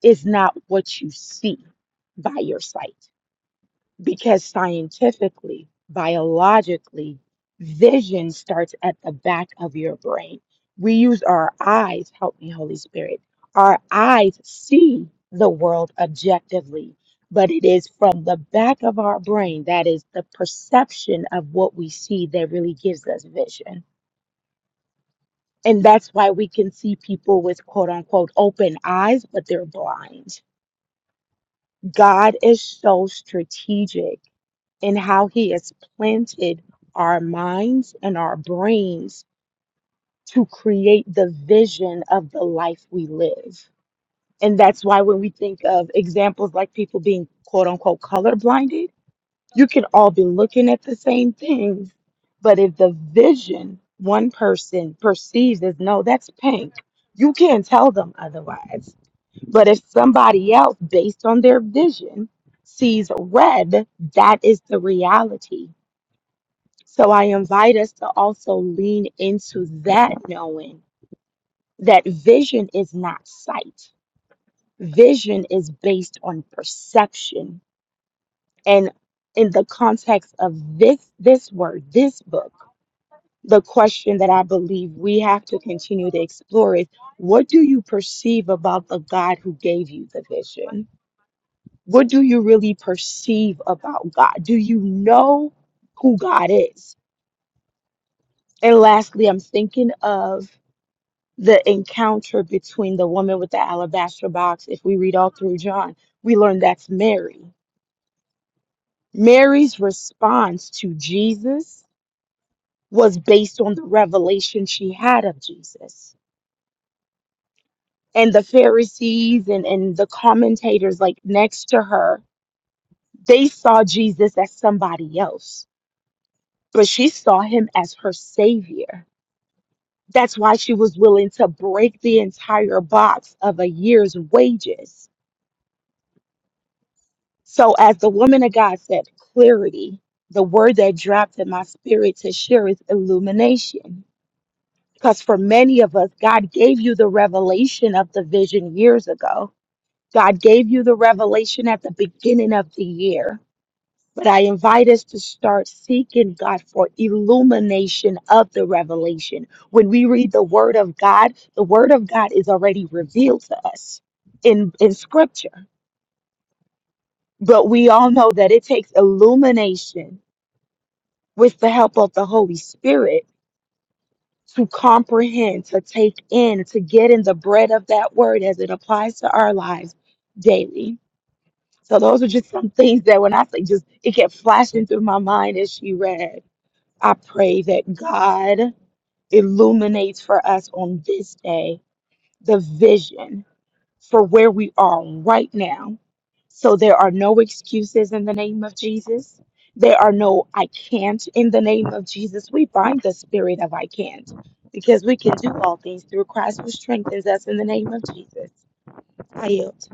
is not what you see by your sight because scientifically, biologically, vision starts at the back of your brain. We use our eyes, help me, Holy Spirit. Our eyes see the world objectively, but it is from the back of our brain that is the perception of what we see that really gives us vision. And that's why we can see people with quote unquote open eyes, but they're blind. God is so strategic and how He has planted our minds and our brains to create the vision of the life we live. And that's why when we think of examples like people being quote unquote color blinded, you can all be looking at the same things, but if the vision one person perceives as no, that's pink, you can't tell them otherwise. But if somebody else, based on their vision, sees red, that is the reality so I invite us to also lean into that knowing that vision is not sight. Vision is based on perception. And in the context of this this word, this book, the question that I believe we have to continue to explore is what do you perceive about the God who gave you the vision? What do you really perceive about God? Do you know who God is? And lastly, I'm thinking of the encounter between the woman with the alabaster box, if we read all through John, we learn that's Mary. Mary's response to Jesus was based on the revelation she had of Jesus. And the Pharisees and, and the commentators, like next to her, they saw Jesus as somebody else, but she saw him as her savior. That's why she was willing to break the entire box of a year's wages So, as the woman of God said, clarity, the word that dropped in my spirit to share is illumination. Because for many of us, God gave you the revelation of the vision years ago. God gave you the revelation at the beginning of the year. But I invite us to start seeking God for illumination of the revelation. When we read the word of God, the word of God is already revealed to us in, in scripture. But we all know that it takes illumination with the help of the Holy Spirit to comprehend, to take in, to get in the bread of that word as it applies to our lives daily. So those are just some things that when I say just it kept flashing through my mind as she read. I pray that God illuminates for us on this day the vision for where we are right now. So there are no excuses in the name of Jesus. There are no I can't in the name of Jesus. We bind the spirit of I can't because we can do all things through Christ who strengthens us in the name of Jesus. I yield.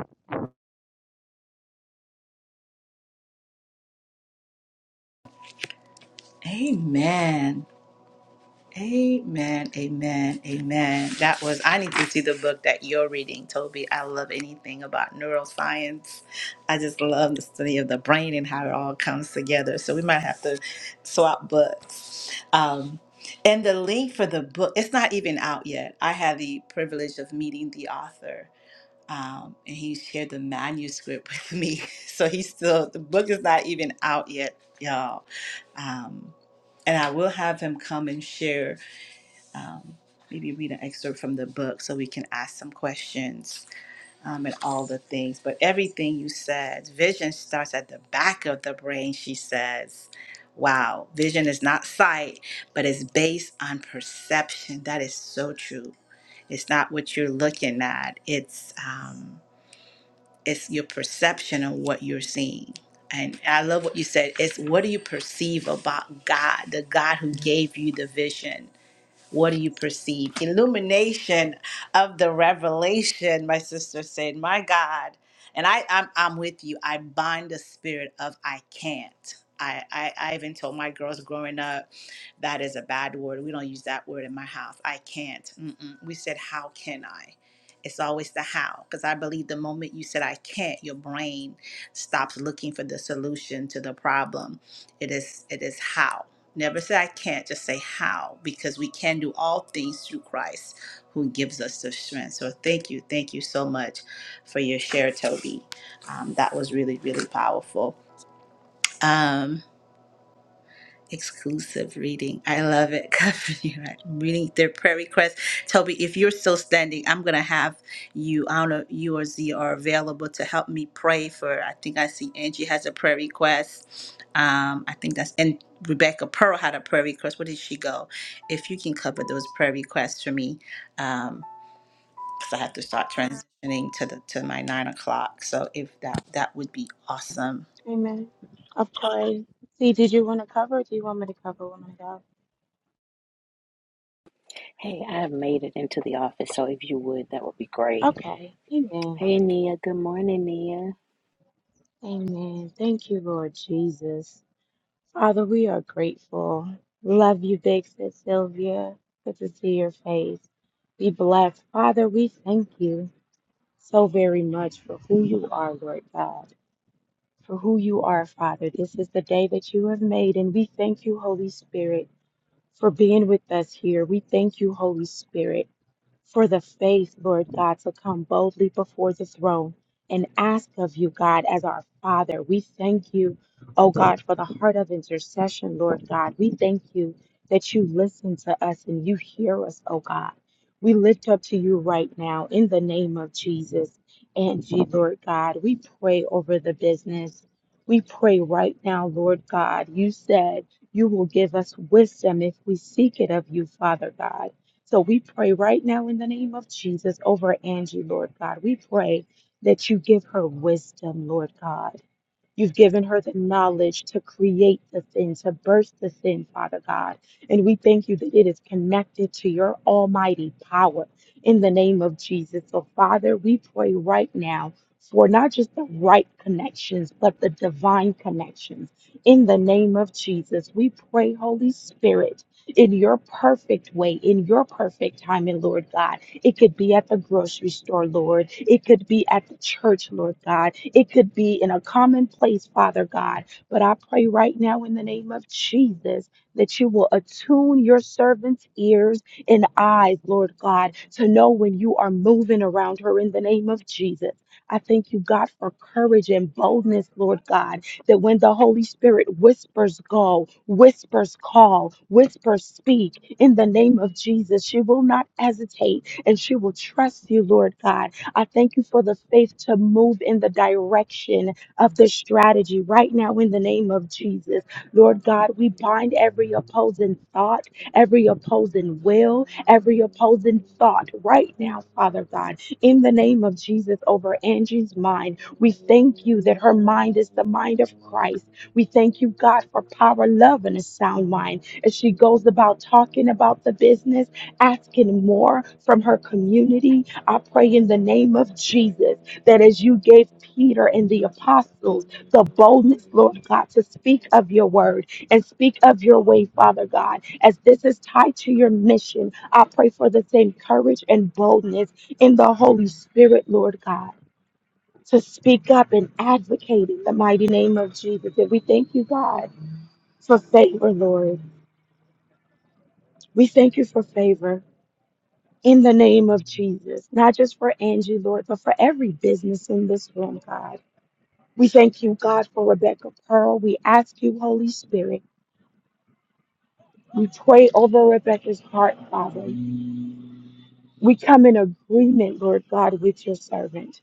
Amen. Amen. Amen. Amen. That was I need to see the book that you're reading, Toby. I love anything about neuroscience. I just love the study of the brain and how it all comes together. So we might have to swap books. Um and the link for the book, it's not even out yet. I had the privilege of meeting the author. um, and he shared the manuscript with me. So he's still the book is not even out yet, y'all. Um, and I will have him come and share, um, maybe read an excerpt from the book so we can ask some questions um, and all the things. But everything you said, vision starts at the back of the brain. She says. Wow, vision is not sight, but it's based on perception. That is so true. It's not what you're looking at. It's um, it's your perception of what you're seeing. And I love what you said. It's what do you perceive about God, the God who gave you the vision? What do you perceive? Illumination of the revelation, my sister said. My God. And I, I'm, I'm with you. I bind the spirit of I can't. I, I, I even told my girls growing up that is a bad word. We don't use that word in my house. I can't. Mm-mm. We said, How can I? It's always the how. Because I believe the moment you said, I can't, your brain stops looking for the solution to the problem. It is, it is how. Never say I can't, just say how, because we can do all things through Christ who gives us the strength. So thank you, thank you so much for your share, Toby. Um, that was really, really powerful. Um, exclusive reading. I love it, Company. Right? I'm reading their prayer requests. Toby, if you're still standing, I'm gonna have you. I don't know, you or Z are available to help me pray for. I think I see Angie has a prayer request. Um, I think that's and Rebecca Pearl had a prayer request. Where did she go? If you can cover those prayer requests for me, um, because I have to start transitioning to the to my nine o'clock. So if that that would be awesome.
Amen. Of course. See, did you want to cover or do you want me to cover, woman of God?
Hey, I have made it into the office, so if you would, that would be great.
Okay. Amen.
Hey, good morning.
Amen. Thank you, Lord Jesus. Father, we are grateful. Love you, Big Sis Sylvia. Good to see your face. Be blessed. Father, we thank you so very much for who you are, Lord God, for who you are, Father. This is the day that you have made, and we thank you, Holy Spirit, for being with us here. We thank you, Holy Spirit for the faith, Lord God, to come boldly before the throne and ask of you, God, as our Father. We thank you, oh God, for the heart of intercession, Lord God. We thank you that you listen to us and you hear us, oh God. We lift up to you right now in the name of Jesus. And you, Lord God, we pray over the business. We pray right now, Lord God. You said you will give us wisdom if we seek it of you, Father God. So we pray right now in the name of Jesus over Angie, Lord God. We pray that you give her wisdom, Lord God. You've given her the knowledge to create the sin, to burst the sin, Father God. And we thank you that it is connected to your almighty power in the name of Jesus. So, Father, we pray right now for not just the right connections, but the divine connections. In the name of Jesus, we pray, Holy Spirit, in your perfect way, in your perfect timing, Lord God. It could be at the grocery store, Lord. It could be at the church, Lord God. It could be in a common place, Father God. But I pray right now in the name of Jesus that you will attune your servant's ears and eyes, Lord God, to know when you are moving around her in the name of Jesus. I thank you, God, for courage and boldness, Lord God, that when the Holy Spirit whispers go, whispers call, whispers speak, in the name of Jesus, she will not hesitate and she will trust you, Lord God. I thank you for the faith to move in the direction of the strategy right now in the name of Jesus. Lord God, we bind every opposing thought, every opposing will, every opposing thought right now, Father God, in the name of Jesus over Angie's mind. We thank you that her mind is the mind of Christ. We thank you, God, for power, love, and a sound mind as she goes about talking about the business asking more from her community. I pray in the name of Jesus that as you gave Peter and the apostles the boldness, Lord God, to speak of your word and speak of your way, Father God, as this is tied to your mission, I pray for the same courage and boldness in the Holy Spirit, Lord God. To speak up and advocate in the mighty name of Jesus. And we thank you, God, for favor, Lord. We thank you for favor. in the name of Jesus, not just for Angie, Lord, but for every business in this room, God. We thank you, God, for Rebecca Pearl. We ask you, Holy Spirit. We pray over Rebecca's heart, Father. We come in agreement, Lord God, with your servant,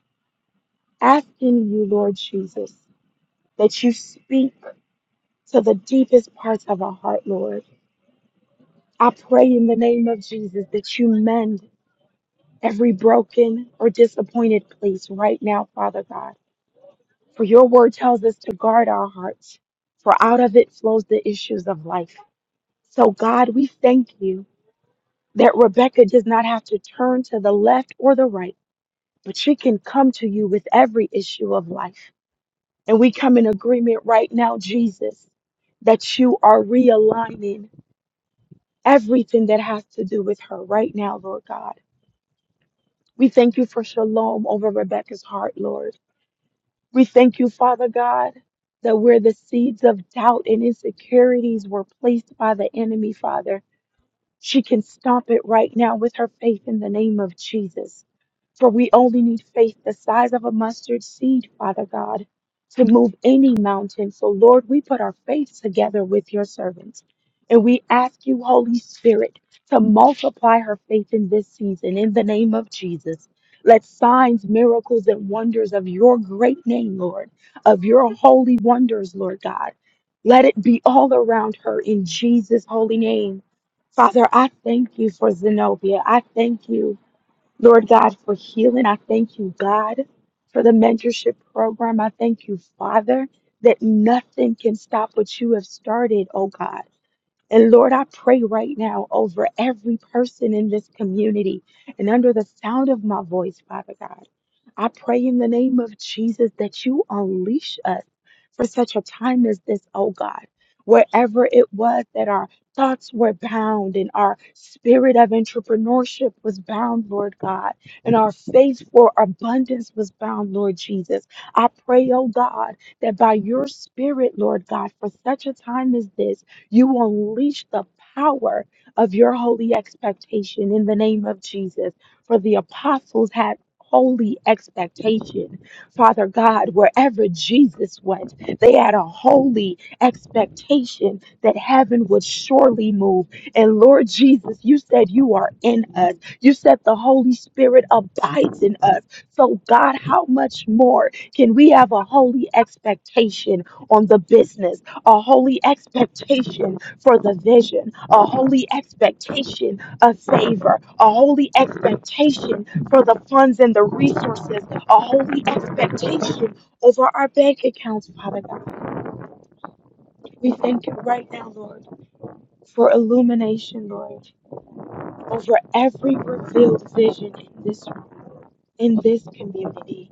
asking you, Lord Jesus, that you speak to the deepest parts of our heart, Lord. I pray in the name of Jesus that you mend every broken or disappointed place right now, Father God. For your word tells us to guard our hearts, for out of it flows the issues of life. So, God, we thank you that Rebecca does not have to turn to the left or the right, but she can come to you with every issue of life. And we come in agreement right now, Jesus, that you are realigning everything that has to do with her right now, Lord God. We thank you for shalom over Rebecca's heart, Lord. We thank you, Father God, that where the seeds of doubt and insecurities were placed by the enemy, Father. She can stop it right now with her faith in the name of Jesus. For we only need faith the size of a mustard seed, Father God, to move any mountain. So, Lord, we put our faith together with your servants. And we ask you, Holy Spirit, to multiply her faith in this season in the name of Jesus. Let signs, miracles, and wonders of your great name, Lord, of your holy wonders, Lord God, let it be all around her in Jesus' holy name. Father, I thank you for Zenobia. I thank you, Lord God, for healing. I thank you, God, for the mentorship program. I thank you, Father, that nothing can stop what you have started, oh God. And Lord, I pray right now over every person in this community and under the sound of my voice, Father God. I pray in the name of Jesus that you unleash us for such a time as this, oh God. Wherever it was that our thoughts were bound and our spirit of entrepreneurship was bound, Lord God, and our faith for abundance was bound, Lord Jesus. I pray, oh God, that by your spirit, Lord God, for such a time as this, you unleash the power of your holy expectation in the name of Jesus. For the apostles had holy expectation. Father God, wherever Jesus went, they had a holy expectation that heaven would surely move. And Lord Jesus, you said you are in us. You said the Holy Spirit abides in us. So, God, how much more can we have a holy expectation on the business, a holy expectation for the vision, a holy expectation of favor, a holy expectation for the funds and the resources, a holy expectation over our bank accounts, Father God. We thank you right now, Lord, for illumination, Lord, over every revealed vision in this in this community.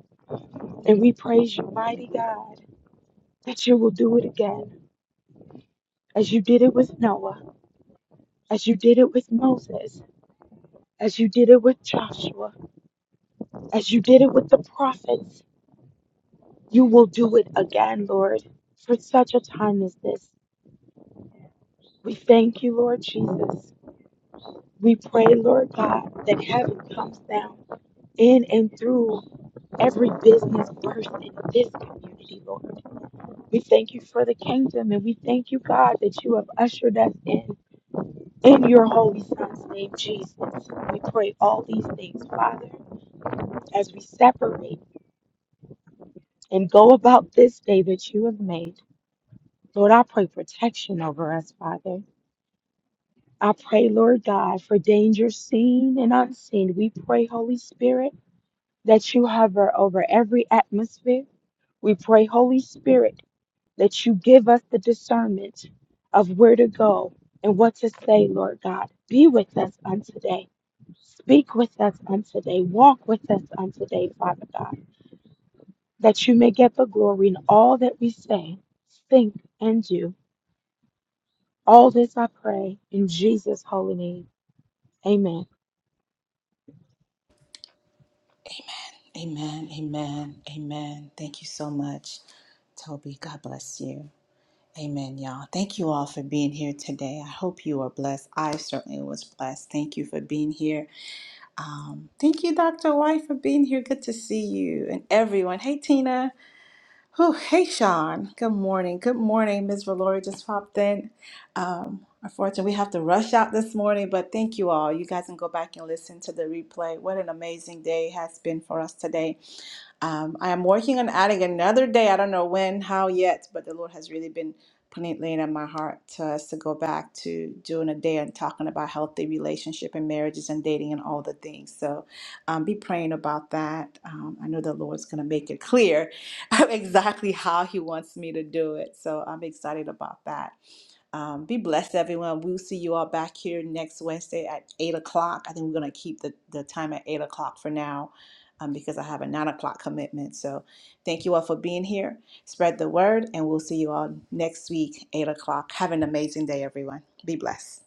And we praise you, mighty God, that you will do it again, as you did it with Noah, as you did it with Moses, as you did it with Joshua, as you did it with the prophets. You will do it again, Lord, for such a time as this. We thank you, Lord Jesus. We pray, Lord God, that heaven comes down in and through every business first in this community, Lord. We thank you for the kingdom and we thank you, God, that you have ushered us in in your holy son's name, Jesus. We pray all these things, Father, as we separate and go about this day that you have made. Lord, I pray protection over us, Father. I pray, Lord God, for danger seen and unseen. We pray, Holy Spirit, that you hover over every atmosphere. We pray, Holy Spirit, that you give us the discernment of where to go and what to say, Lord God. Be with us on today. Speak with us on today. Walk with us on today, Father God, that you may get the glory in all that we say, think, and do. All this I pray in Jesus' holy name. Amen.
Amen. Amen. Amen. Thank you so much, Toby. God bless you. Amen, y'all. Thank you all for being here today. I hope you are blessed. I certainly was blessed. Thank you for being here. Um, thank you, Dr. White, for being here. Good to see you and everyone. Hey, Tina. Whew, hey, Sean. Good morning. Good morning. Ms. Valori just popped in. Um, unfortunately, we have to rush out this morning, but thank you all. You guys can go back and listen to the replay. What an amazing day it has been for us today. Um, I am working on adding another day. I don't know when, how yet, but the Lord has really been putting it laying on my heart to us to go back to doing a day and talking about healthy relationship and marriages and dating and all the things. So um, be praying about that. Um, I know the Lord's going to make it clear exactly how He wants me to do it. So I'm excited about that. Um, be blessed, everyone. We'll see you all back here next Wednesday at 8 o'clock. I think we're going to keep the, the time at 8 o'clock for now um, because I have a 9 o'clock commitment. So thank you all for being here. Spread the word, and we'll see you all next week, 8 o'clock. Have an amazing day, everyone. Be blessed.